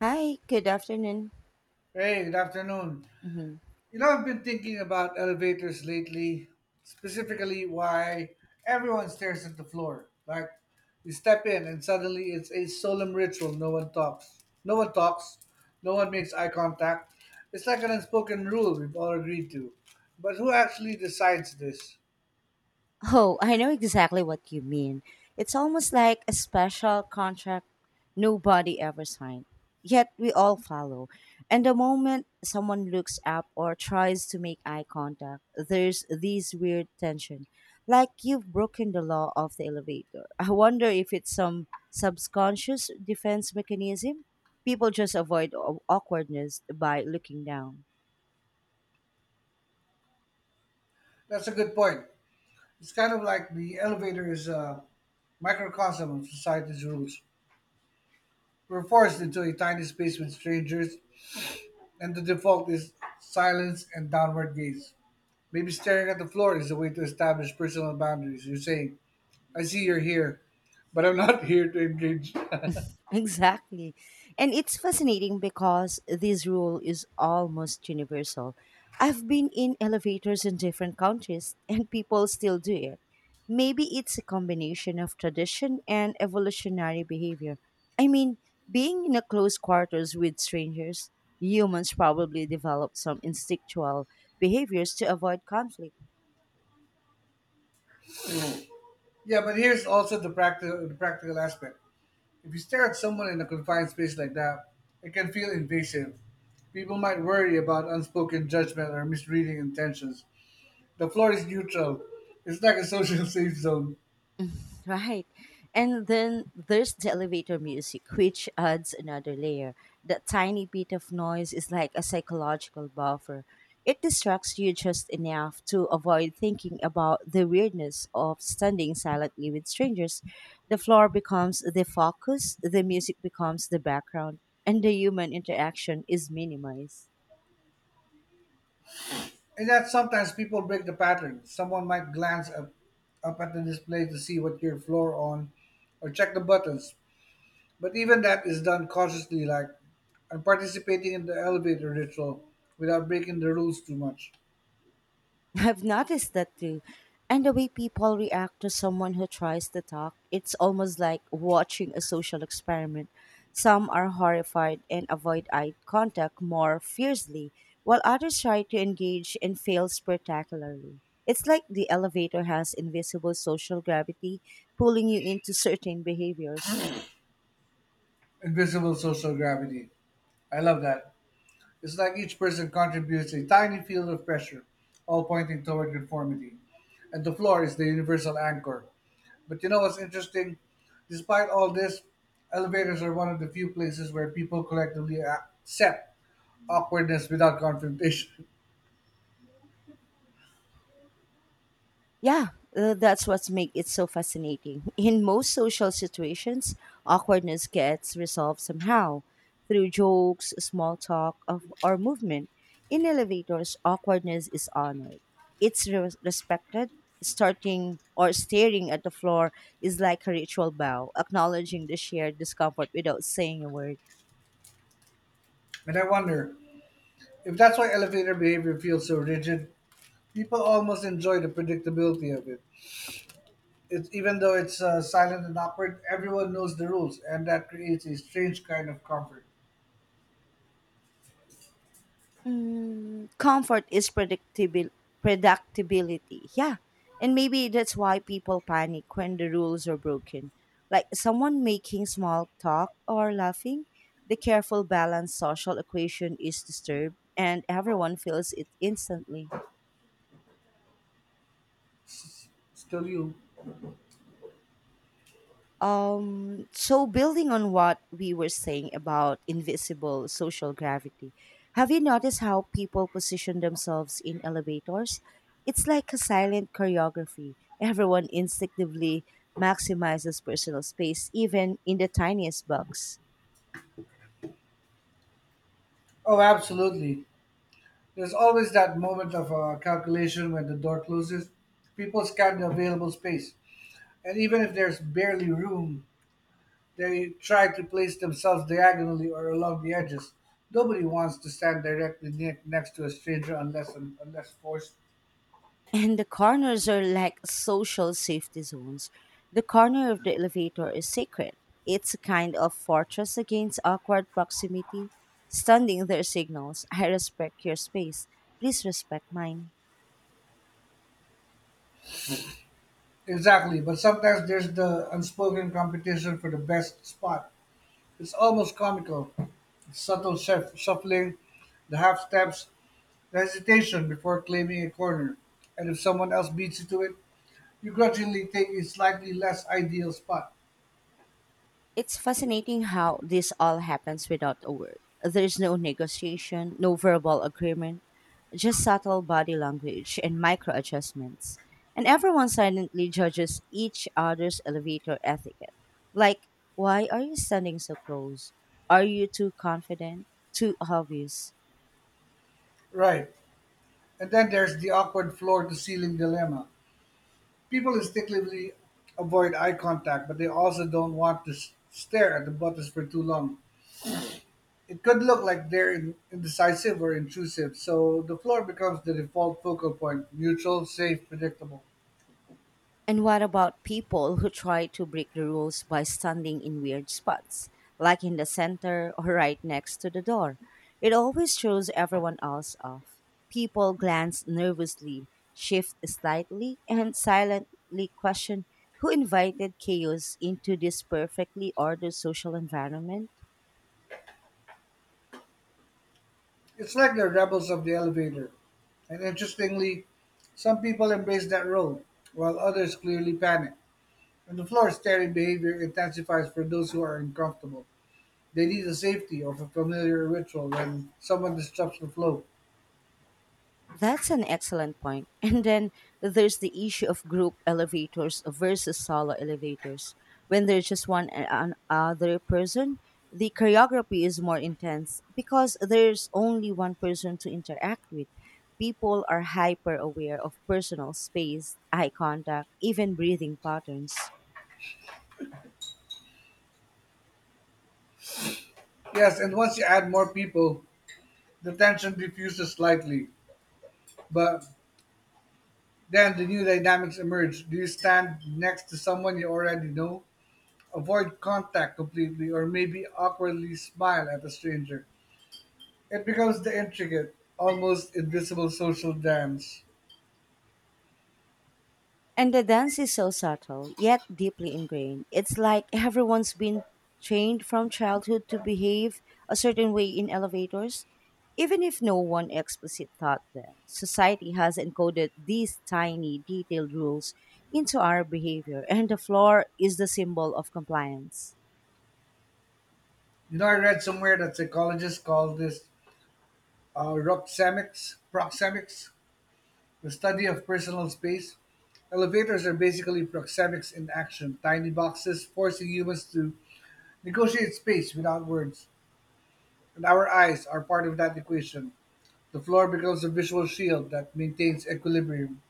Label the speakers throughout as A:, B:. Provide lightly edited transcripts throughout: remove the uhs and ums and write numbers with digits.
A: Hi, good afternoon.
B: Hey, good afternoon.
A: hmm
B: You know, I've been thinking about elevators lately, specifically why everyone stares at the floor. Like, you step in and suddenly it's a solemn ritual. No one talks. No one talks. No one makes eye contact. It's like an unspoken rule we've all agreed to. But who actually decides this?
A: Oh, I know exactly what you mean. It's almost like a special contract nobody ever signed, yet we all follow. And the moment someone looks up or tries to make eye contact, there's this weird tension, like you've broken the law of the elevator. I wonder if it's some subconscious defense mechanism. People just avoid awkwardness by looking down.
B: That's a good point. It's kind of like the elevator is a microcosm of society's rules. We're forced into a tiny space with strangers and the default is silence and downward gaze. Maybe staring at the floor is a way to establish personal boundaries. You're saying, I see you're here, but I'm not here to engage.
A: Exactly. And it's fascinating because this rule is almost universal. I've been in elevators in different countries and people still do it. Maybe it's a combination of tradition and evolutionary behavior. I mean, being in a close quarters with strangers, humans probably develop some instinctual behaviors to avoid conflict.
B: Yeah, but here's also the practical aspect. If you stare at someone in a confined space like that, it can feel invasive. People might worry about unspoken judgment or misreading intentions. The floor is neutral. It's like a social safe zone.
A: Right. And then there's the elevator music, which adds another layer. That tiny bit of noise is like a psychological buffer. It distracts you just enough to avoid thinking about the weirdness of standing silently with strangers. The floor becomes the focus, the music becomes the background, and the human interaction is minimized.
B: In that sometimes people break the pattern. Someone might glance up at the display to see what you floor on or check the buttons. But even that is done cautiously, like I'm participating in the elevator ritual without breaking the rules too much.
A: I've noticed that too. And the way people react to someone who tries to talk, it's almost like watching a social experiment. Some are horrified and avoid eye contact more fiercely, while others try to engage and fail spectacularly. It's like the elevator has invisible social gravity pulling you into certain behaviors.
B: Invisible social gravity. I love that. It's like each person contributes a tiny field of pressure, all pointing toward conformity. And the floor is the universal anchor. But you know what's interesting? Despite all this, elevators are one of the few places where people collectively accept awkwardness without confrontation.
A: Yeah, that's what's make it so fascinating. In most social situations, awkwardness gets resolved somehow through jokes, small talk, of, or movement. In elevators, awkwardness is honored. It's respected. Starting or staring at the floor is like a ritual bow, acknowledging the shared discomfort without saying a word.
B: And I wonder if that's why elevator behavior feels so rigid. People almost enjoy the predictability of it. It's even though it's silent and awkward, everyone knows the rules, and that creates a strange kind of comfort.
A: Mm, comfort is predictability. Yeah. And maybe that's why people panic when the rules are broken. Like someone making small talk or laughing, the careful balanced social equation is disturbed and everyone feels it instantly.
B: Still, you.
A: So building on what we were saying about invisible social gravity, have you noticed how people position themselves in elevators? It's like a silent choreography. Everyone instinctively maximizes personal space, even in the tiniest box.
B: Oh, absolutely. There's always that moment of calculation when the door closes. People scan the available space, and even if there's barely room, they try to place themselves diagonally or along the edges. Nobody wants to stand directly next to a stranger unless forced.
A: And the corners are like social safety zones. The corner of the elevator is sacred. It's a kind of fortress against awkward proximity. Standing there signals, I respect your space. Please respect mine.
B: Exactly, but sometimes there's the unspoken competition for the best spot. It's almost comical. Subtle shuffling, the half steps, the hesitation before claiming a corner, and if someone else beats you to it, you grudgingly take a slightly less ideal spot.
A: It's fascinating how this all happens without a word. There is no negotiation, no verbal agreement, just subtle body language and micro adjustments. And everyone silently judges each other's elevator etiquette. Like, why are you standing so close? Are you too confident? Too obvious?
B: Right. And then there's the awkward floor to ceiling dilemma. People instinctively avoid eye contact, but they also don't want to stare at the buttons for too long. It could look like they're indecisive or intrusive, so the floor becomes the default focal point neutral, safe, predictable.
A: And what about people who try to break the rules by standing in weird spots, like in the center or right next to the door? It always throws everyone else off. People glance nervously, shift slightly, and silently question who invited chaos into this perfectly ordered social environment?
B: It's like the rebels of the elevator. And interestingly, some people embrace that role, while others clearly panic. And the floor staring behavior intensifies for those who are uncomfortable. They need the safety of a familiar ritual when someone disrupts the flow.
A: That's an excellent point. And then there's the issue of group elevators versus solo elevators. When there's just one an other person, the choreography is more intense because there's only one person to interact with. People are hyper aware of personal space, eye contact, even breathing patterns.
B: Yes, and once you add more people, the tension diffuses slightly, but then the new dynamics emerge. Do you stand next to someone you already know? Avoid contact completely, or maybe awkwardly smile at a stranger. It becomes the intricate, almost invisible social dance.
A: And the dance is so subtle, yet deeply ingrained. It's like everyone's been trained from childhood to behave a certain way in elevators, even if no one explicit taught them. Society has encoded these tiny, detailed rules into our behavior, and the floor is the symbol of compliance.
B: You know, I read somewhere that psychologists call this proxemics. Proxemics. The study of personal space: elevators are basically proxemics in action, tiny boxes forcing humans to negotiate space without words. And our eyes are part of that equation. The floor becomes a visual shield that maintains equilibrium.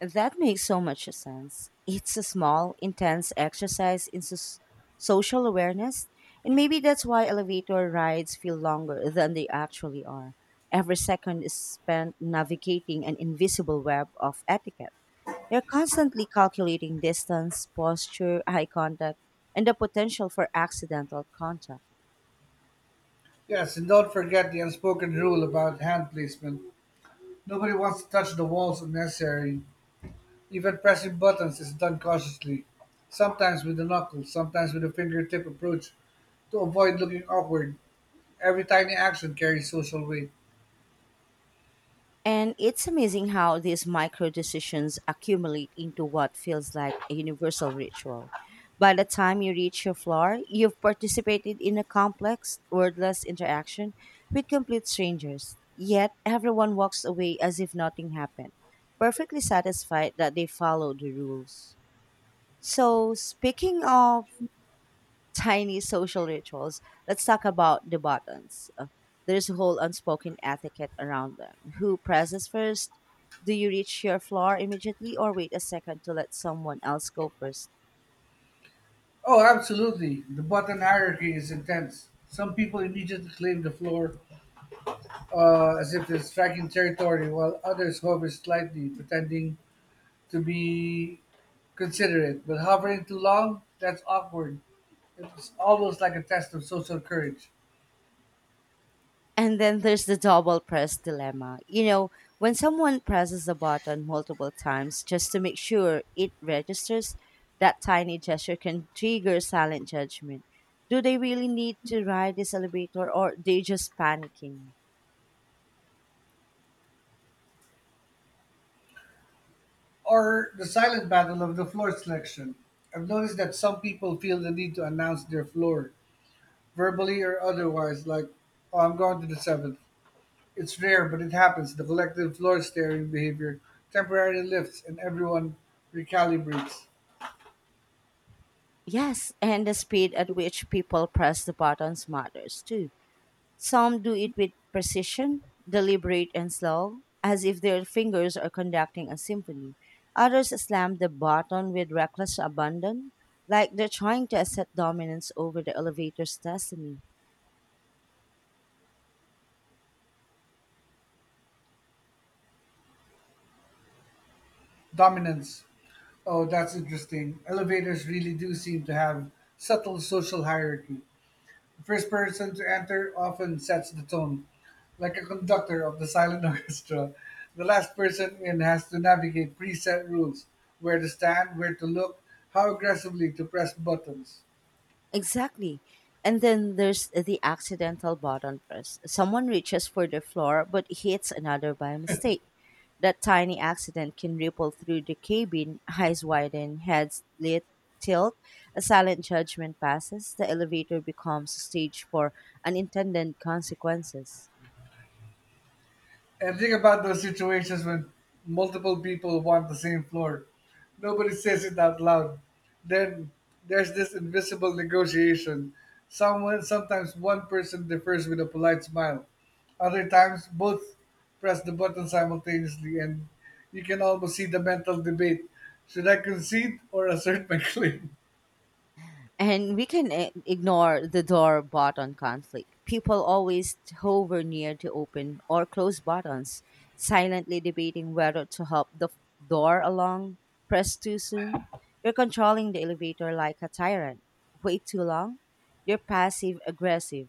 A: That makes so much sense. It's a small, intense exercise in social awareness, and maybe that's why elevator rides feel longer than they actually are. Every second is spent navigating an invisible web of etiquette. You're constantly calculating distance, posture, eye contact, and the potential for accidental contact.
B: Yes, and don't forget the unspoken rule about hand placement. Nobody wants to touch the walls unnecessarily. Even pressing buttons is done cautiously, sometimes with the knuckles, sometimes with a fingertip approach to avoid looking awkward. Every tiny action carries social weight.
A: And it's amazing how these micro decisions accumulate into what feels like a universal ritual. By the time you reach your floor, you've participated in a complex, wordless interaction with complete strangers. Yet everyone walks away as if nothing happened, perfectly satisfied that they followed the rules. So, speaking of tiny social rituals, let's talk about the buttons. There's a whole unspoken etiquette around them. Who presses first? Do you reach your floor immediately or wait a second to let someone else go first?
B: Oh, absolutely. The button hierarchy is intense. Some people immediately claim the floor as if they're striking territory, while others hover slightly, pretending to be considerate. But hovering too long, that's awkward. It's almost like a test of social courage.
A: And then there's the double press dilemma. You know when someone presses a button multiple times just to make sure it registers, that tiny gesture can trigger silent judgment. Do they really need to ride this elevator or they just panicking?
B: Or the silent battle of the floor selection. I've noticed that some people feel the need to announce their floor, verbally or otherwise, like, oh, I'm going to the seventh. It's rare, but it happens. The collective floor-staring behavior temporarily lifts, and everyone recalibrates.
A: Yes, and the speed at which people press the buttons matters too. Some do it with precision, deliberate and slow, as if their fingers are conducting a symphony. Others slam the button with reckless abandon, like they're trying to assert dominance over the elevator's destiny.
B: Dominance. Oh, that's interesting. Elevators really do seem to have subtle social hierarchy. The first person to enter often sets the tone, like a conductor of the silent orchestra. The last person in has to navigate preset rules: where to stand, where to look, how aggressively to press buttons.
A: Exactly. And then there's the accidental button press. Someone reaches for the floor but hits another by mistake. That tiny accident can ripple through the cabin, eyes widen, heads lit, tilt. A silent judgment passes. The elevator becomes a stage for unintended consequences.
B: And think about those situations when multiple people want the same floor. Nobody says it out loud. Then there's this invisible negotiation. Someone sometimes one person defers with a polite smile. Other times both press the button simultaneously and you can almost see the mental debate. Should I concede or assert my claim?
A: And we can ignore the door button conflict. People always hover near the open or close buttons, silently debating whether to help the door along, press too soon. You're controlling the elevator like a tyrant. Wait too long. You're passive aggressive.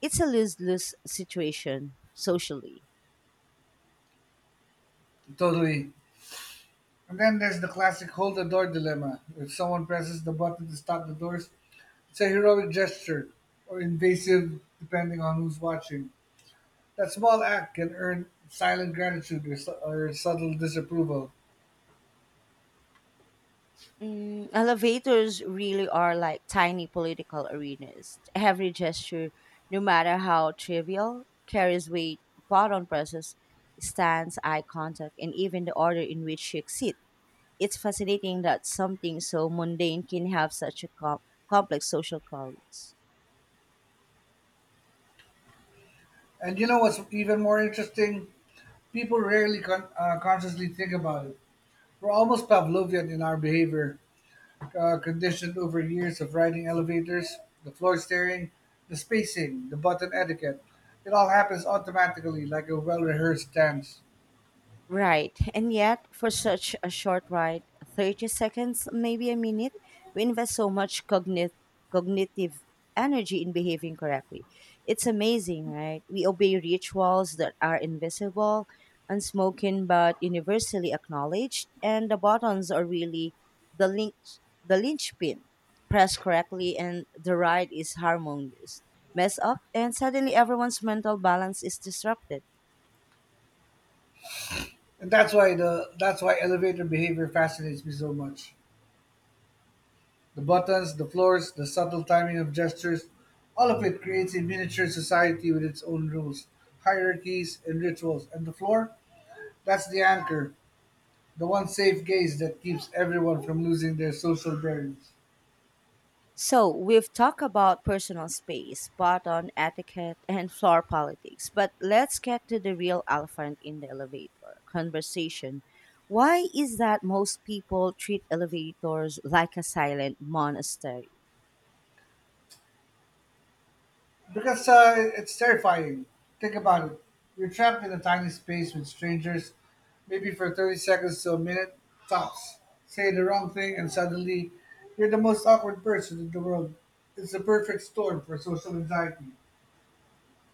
A: It's a lose lose situation socially.
B: Totally. And then there's the classic hold the door dilemma. If someone presses the button to stop the doors, it's a heroic gesture, or invasive depending on who's watching. That small act can earn silent gratitude or subtle disapproval.
A: Mm, elevators really are like tiny political arenas. Every gesture, no matter how trivial, carries weight, button presses, stance, eye contact, and even the order in which you exit. It's fascinating that something so mundane can have such a complex social codes.
B: And you know what's even more interesting? People rarely consciously think about it. We're almost Pavlovian in our behavior, conditioned over years of riding elevators, the floor staring, the spacing, the button etiquette. It all happens automatically, like a well-rehearsed dance.
A: Right, and yet for such a short ride, 30 seconds, maybe a minute, we invest so much cognitive energy in behaving correctly. It's amazing, right? We obey rituals that are invisible, unspoken but universally acknowledged, and the buttons are really the link the linchpin. Press correctly and the ride is harmonious. Mess up and suddenly everyone's mental balance is disrupted.
B: And that's why elevator behavior fascinates me so much. The buttons, the floors, the subtle timing of gestures, all of it creates a miniature society with its own rules, hierarchies, and rituals. And the floor? That's the anchor, the one safe gaze that keeps everyone from losing their social bearings.
A: So, we've talked about personal space, button etiquette, and floor politics, but let's get to the real elephant in the elevator conversation. Why is that most people treat elevators like a silent monastery?
B: Because it's terrifying. Think about it. You're trapped in a tiny space with strangers, maybe for 30 seconds to a minute, tops. Say the wrong thing, and suddenly you're the most awkward person in the world. It's the perfect storm for social anxiety.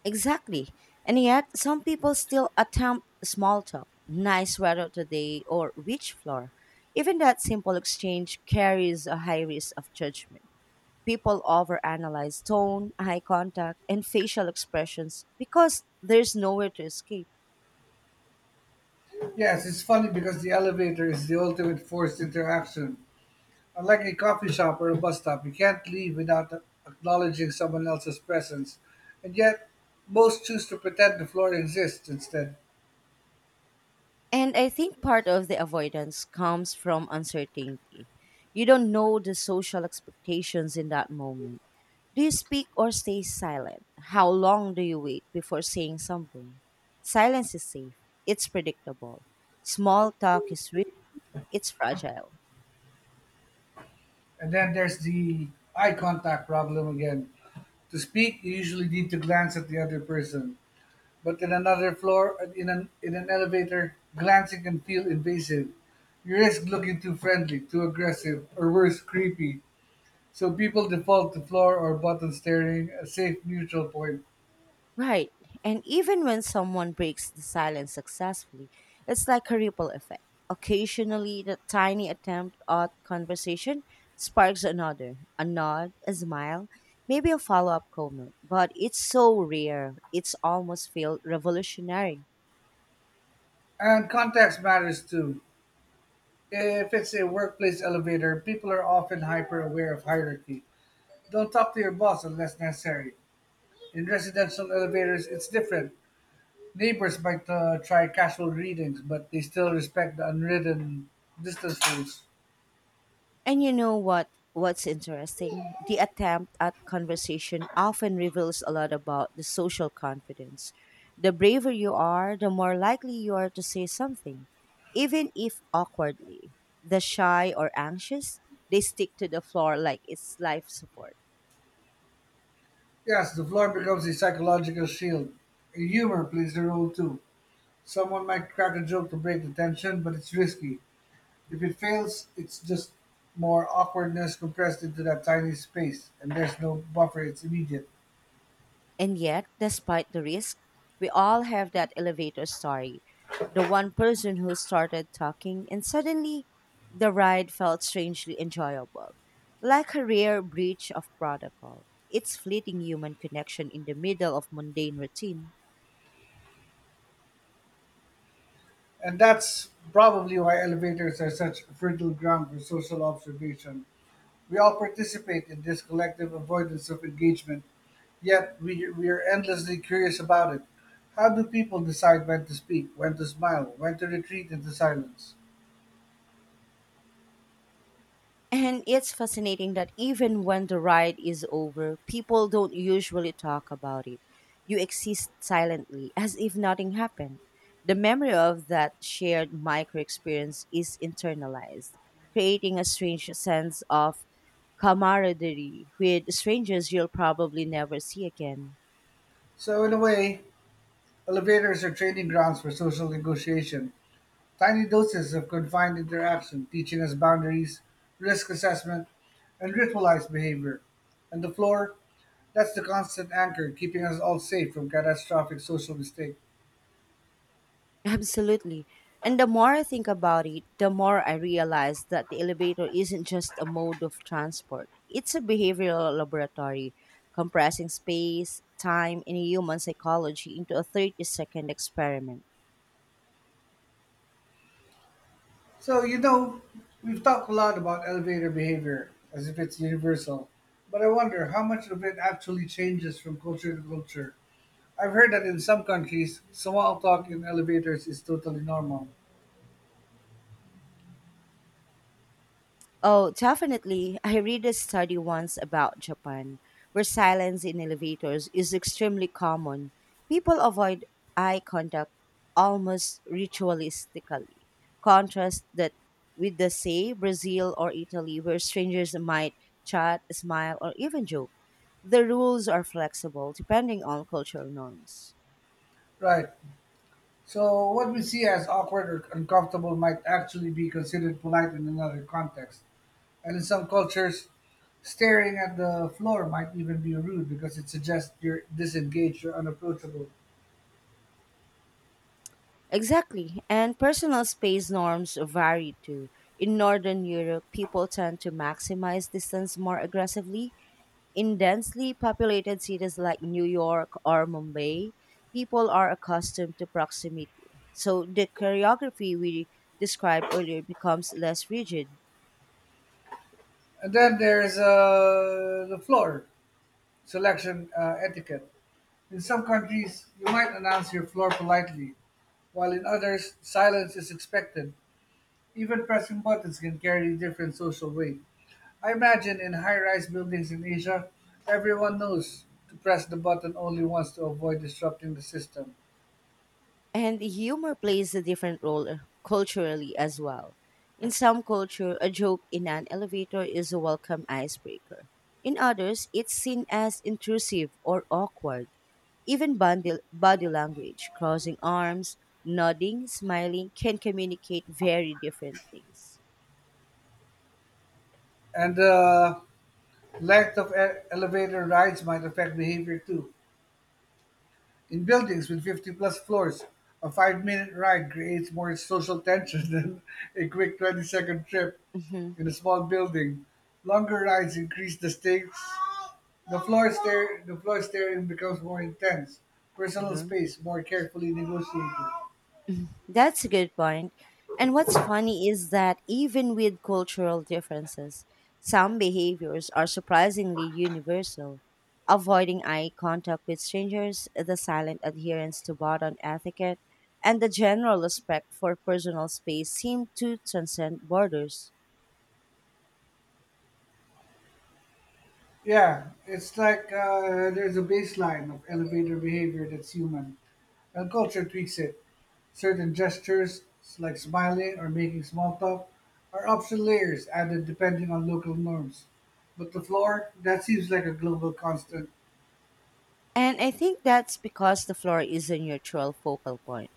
A: Exactly. And yet, some people still attempt small talk, nice weather today, or which floor. Even that simple exchange carries a high risk of judgment. People overanalyze tone, eye contact, and facial expressions because there's nowhere to escape.
B: Yes, it's funny because the elevator is the ultimate forced interaction. Unlike a coffee shop or a bus stop, you can't leave without acknowledging someone else's presence. And yet, most choose to pretend the floor exists instead.
A: And I think part of the avoidance comes from uncertainty. You don't know the social expectations in that moment. Do you speak or stay silent? How long do you wait before saying something? Silence is safe, it's predictable. Small talk is rich, it's fragile.
B: And then there's the eye contact problem again. To speak, you usually need to glance at the other person. But in another floor, in an elevator, glancing can feel invasive. You risk looking too friendly, too aggressive, or worse, creepy. So people default to floor or button steering, a safe neutral point.
A: Right. And even when someone breaks the silence successfully, it's like a ripple effect. Occasionally, the tiny attempt at conversation sparks another, a nod, a smile, maybe a follow up comment. But it's so rare, it's almost feel revolutionary.
B: And context matters too. If it's a workplace elevator, people are often hyper aware of hierarchy. Don't talk to your boss unless necessary. In residential elevators, it's different. Neighbors might try casual readings, but they still respect the unwritten distance rules.
A: And you know what? What's interesting? The attempt at conversation often reveals a lot about the social confidence. The braver you are, the more likely you are to say something, even if awkwardly. The shy or anxious, they stick to the floor like it's life support.
B: Yes, the floor becomes a psychological shield. Humor plays a role too. Someone might crack a joke to break the tension, but it's risky. If it fails, it's just more awkwardness compressed into that tiny space, and there's no buffer, it's immediate.
A: And yet, despite the risk, we all have that elevator story. The one person who started talking, and suddenly the ride felt strangely enjoyable, like a rare breach of protocol. It's fleeting human connection in the middle of mundane routine.
B: And that's probably why elevators are such fertile ground for social observation. We all participate in this collective avoidance of engagement, yet we are endlessly curious about it. How do people decide when to speak, when to smile, when to retreat into silence?
A: And it's fascinating that even when the ride is over, people don't usually talk about it. You exist silently, as if nothing happened. The memory of that shared micro experience is internalized, creating a strange sense of camaraderie with strangers you'll probably never see again.
B: So, in a way, elevators are training grounds for social negotiation. Tiny doses of confined interaction, teaching us boundaries, risk assessment, and ritualized behavior. And the floor, that's the constant anchor keeping us all safe from catastrophic social mistake.
A: Absolutely. And the more I think about it, the more I realize that the elevator isn't just a mode of transport. It's a behavioral laboratory, compressing space, time, and human psychology into a 30-second experiment.
B: So, you know, we've talked a lot about elevator behavior as if it's universal, but I wonder how much of it actually changes from culture to culture. I've heard that in some countries, small talk in elevators is totally normal.
A: Oh, definitely. I read a study once about Japan where silence in elevators is extremely common. People avoid eye contact almost ritualistically. Contrast that with the say Brazil or Italy where strangers might chat, smile or even joke. The rules are flexible depending on cultural norms.
B: Right. So, what we see as awkward or uncomfortable might actually be considered polite in another context. And in some cultures, staring at the floor might even be rude because it suggests you're disengaged or unapproachable.
A: Exactly. And personal space norms vary too. In Northern Europe, people tend to maximize distance more aggressively. In densely populated cities like New York or Mumbai, people are accustomed to proximity. So the choreography we described earlier becomes less rigid.
B: And then there's the floor selection etiquette. In some countries, you might announce your floor politely, while in others, silence is expected. Even pressing buttons can carry different social weight. I imagine in high rise buildings in Asia, everyone knows to press the button only once to avoid disrupting the system.
A: And humor plays a different role culturally as well. In some culture, a joke in an elevator is a welcome icebreaker. In others, it's seen as intrusive or awkward. Even body language, crossing arms, nodding, smiling can communicate very different things.
B: And the length of elevator rides might affect behavior too. In buildings with 50 plus floors, a 5-minute ride creates more social tension than a quick 20-second trip
A: Mhm,
B: in a small building. Longer rides increase the stakes. The floor staring becomes more intense, personal
A: mhm.
B: space more carefully negotiated.
A: That's a good point. And what's funny is that even with cultural differences, some behaviors are surprisingly universal. Avoiding eye contact with strangers, the silent adherence to button etiquette, and the general respect for personal space seem to transcend borders.
B: Yeah, it's like there's a baseline of elevator behavior that's human, and culture tweaks it. Certain gestures, like smiling or making small talk, are optional layers added depending on local norms. But the floor, that seems like a global constant.
A: And I think that's because the floor is a neutral focal point.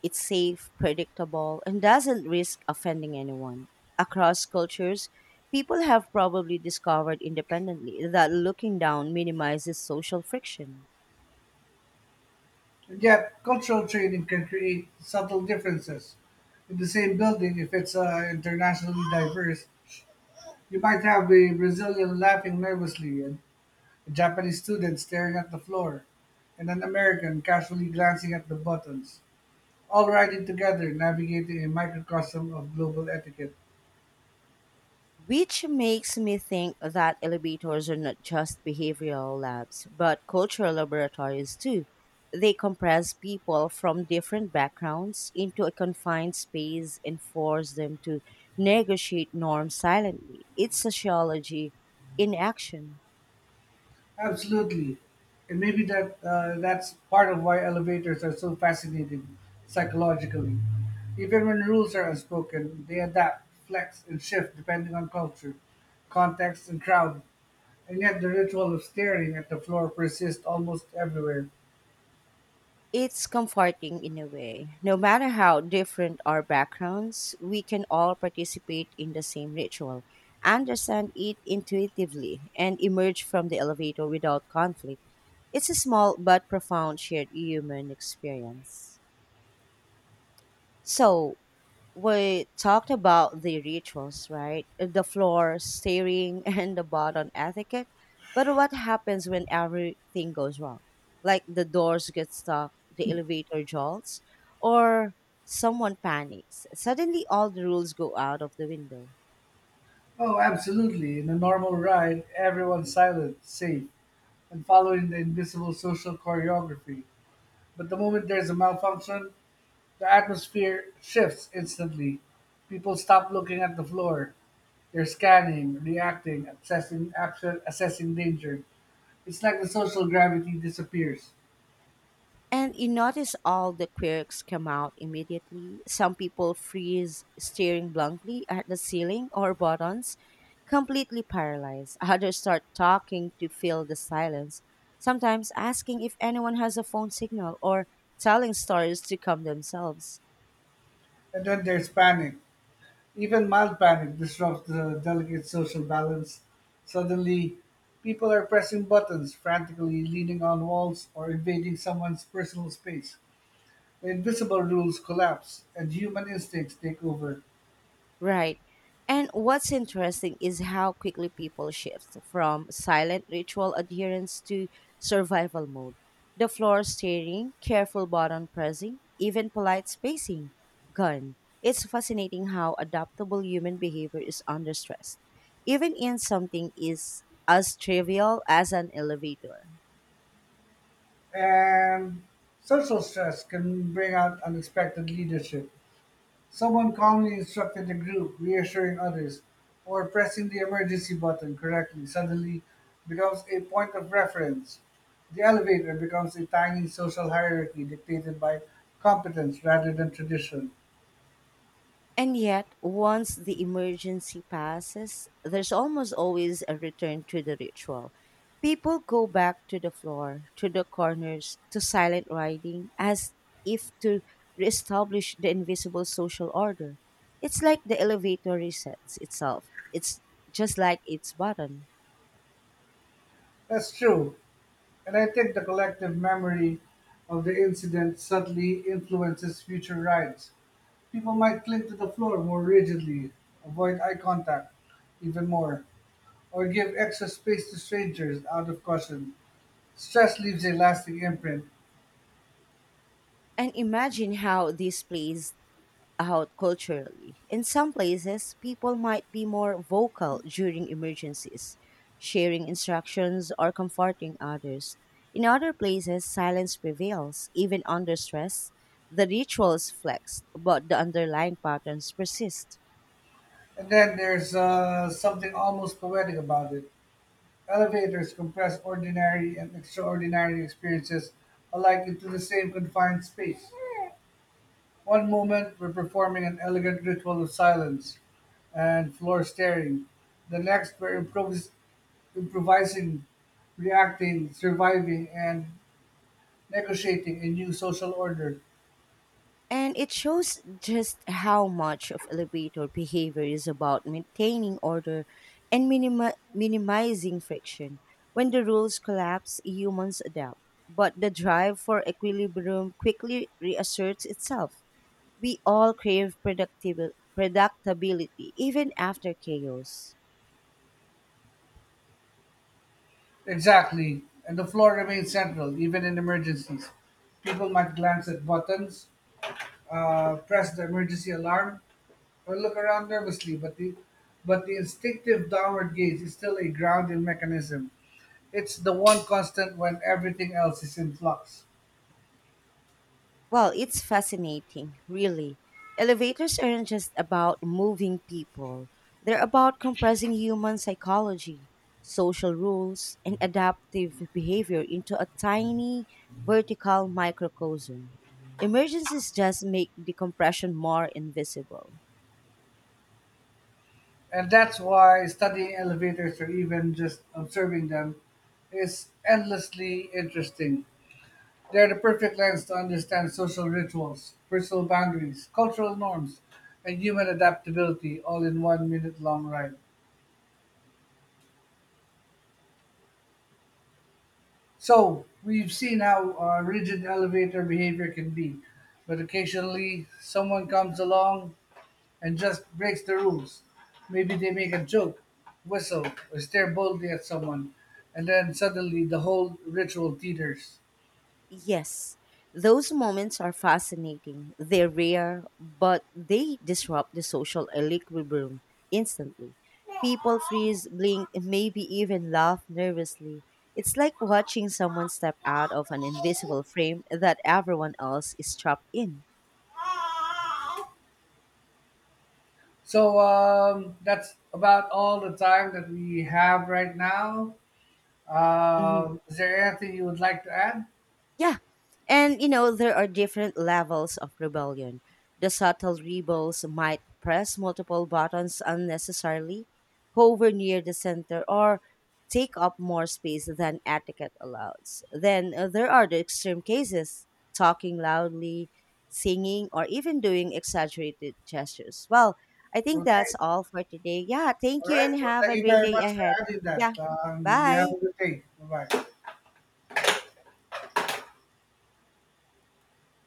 A: It's safe, predictable, and doesn't risk offending anyone. Across cultures, people have probably discovered independently that looking down minimizes social friction.
B: And yet, cultural training can create subtle differences. In the same building, if it's internationally diverse, you might have a Brazilian laughing nervously, and a Japanese student staring at the floor, and an American casually glancing at the buttons, all riding together, navigating a microcosm of global etiquette.
A: Which makes me think that elevators are not just behavioral labs, but cultural laboratories too. They compress people from different backgrounds into a confined space and force them to negotiate norms silently. It's sociology in action.
B: Absolutely. And maybe that's part of why elevators are so fascinating psychologically. Even when rules are unspoken, they adapt, flex, and shift depending on culture, context, and crowd. And yet the ritual of staring at the floor persists almost everywhere.
A: It's comforting in a way. No matter how different our backgrounds, we can all participate in the same ritual, understand it intuitively, and emerge from the elevator without conflict. It's a small but profound shared human experience. So, we talked about the rituals, right? The floor steering and the bottom etiquette. But what happens when everything goes wrong? Like the doors get stuck, the elevator jolts, or someone panics. Suddenly all the rules go out of the window.
B: Oh, absolutely. In a normal ride, everyone's silent, safe, and following the invisible social choreography. But the moment there's a malfunction, the atmosphere shifts instantly. People stop looking at the floor. They're scanning, reacting, assessing danger. It's like the social gravity disappears.
A: And you notice all the quirks come out immediately. Some people freeze, staring blankly at the ceiling or buttons, completely paralyzed. Others start talking to fill the silence, sometimes asking if anyone has a phone signal or telling stories to calm themselves.
B: And then there's panic. Even mild panic disrupts the delicate social balance. Suddenly, people are pressing buttons, frantically leaning on walls, or invading someone's personal space. The invisible rules collapse, and human instincts take over.
A: Right. And what's interesting is how quickly people shift from silent ritual adherence to survival mode. The floor steering, careful button pressing, even polite spacing, gone. It's fascinating how adaptable human behavior is under stress, even in something is as trivial as an elevator.
B: And social stress can bring out unexpected leadership. Someone calmly instructed the group, reassuring others, or pressing the emergency button correctly suddenly becomes a point of reference. The elevator becomes a tiny social hierarchy dictated by competence rather than tradition.
A: And yet, once the emergency passes, there's almost always a return to the ritual. People go back to the floor, to the corners, to silent writing, as if to reestablish the invisible social order. It's like the elevator resets itself. It's just like its button.
B: That's true, and I think the collective memory of the incident subtly influences future rides. People might cling to the floor more rigidly, avoid eye contact even more, or give extra space to strangers out of caution. Stress leaves a lasting imprint,
A: And imagine how this plays out culturally. In some places, people might be more vocal during emergencies, sharing instructions or comforting others. In other places, silence prevails, even under stress. The rituals flex, but the underlying patterns persist.
B: and then there's something almost poetic about it. Elevators compress ordinary and extraordinary experiences alike into the same confined space. One moment, we're performing an elegant ritual of silence and floor staring. The next, we're improvising, reacting, surviving, and negotiating a new social order.
A: And it shows just how much of elevator behavior is about maintaining order and minimizing friction. When the rules collapse, humans adapt, but the drive for equilibrium quickly reasserts itself. We all crave predictability, even after chaos.
B: Exactly, and the floor remains central even in emergencies. People might glance at buttons, press the emergency alarm, or look around nervously, but the instinctive downward gaze is still a grounding mechanism. It's the one constant when everything else is in flux.
A: Well, it's fascinating, really. Elevators aren't just about moving people, they're about compressing human psychology, social rules, and adaptive behavior into a tiny vertical microcosm. Emergencies just make the compression more invisible.
B: And that's why studying elevators or even just observing them is endlessly interesting. They are the perfect lens to understand social rituals, personal boundaries, cultural norms, and human adaptability all in 1-minute long ride. So, we've seen how rigid elevator behavior can be, but occasionally someone comes along and just breaks the rules. Maybe they make a joke, whistle, or stare boldly at someone, and then suddenly the whole ritual teeters.
A: Yes, those moments are fascinating. They're rare, but they disrupt the social equilibrium instantly. People freeze, blink, and maybe even laugh nervously. It's like watching someone step out of an invisible frame that everyone else is trapped in.
B: So, that's about all the time that we have right now.
A: Mm-hmm.
B: Is there anything you would like to add?
A: Yeah. And you know, there are different levels of rebellion. The subtle rebels might press multiple buttons unnecessarily, hover near the center, or take up more space than etiquette allows. Then there are the extreme cases talking loudly, singing, or even doing exaggerated gestures. Well, I think that's
B: Okay.
A: all for today. Yeah,
B: All
A: thank you
B: right.
A: and
B: Well,
A: have
B: thank
A: a
B: you
A: great
B: very
A: day
B: much for
A: ahead.
B: adding
A: Yeah,
B: that. You have
A: bye.
B: a good day. Bye bye.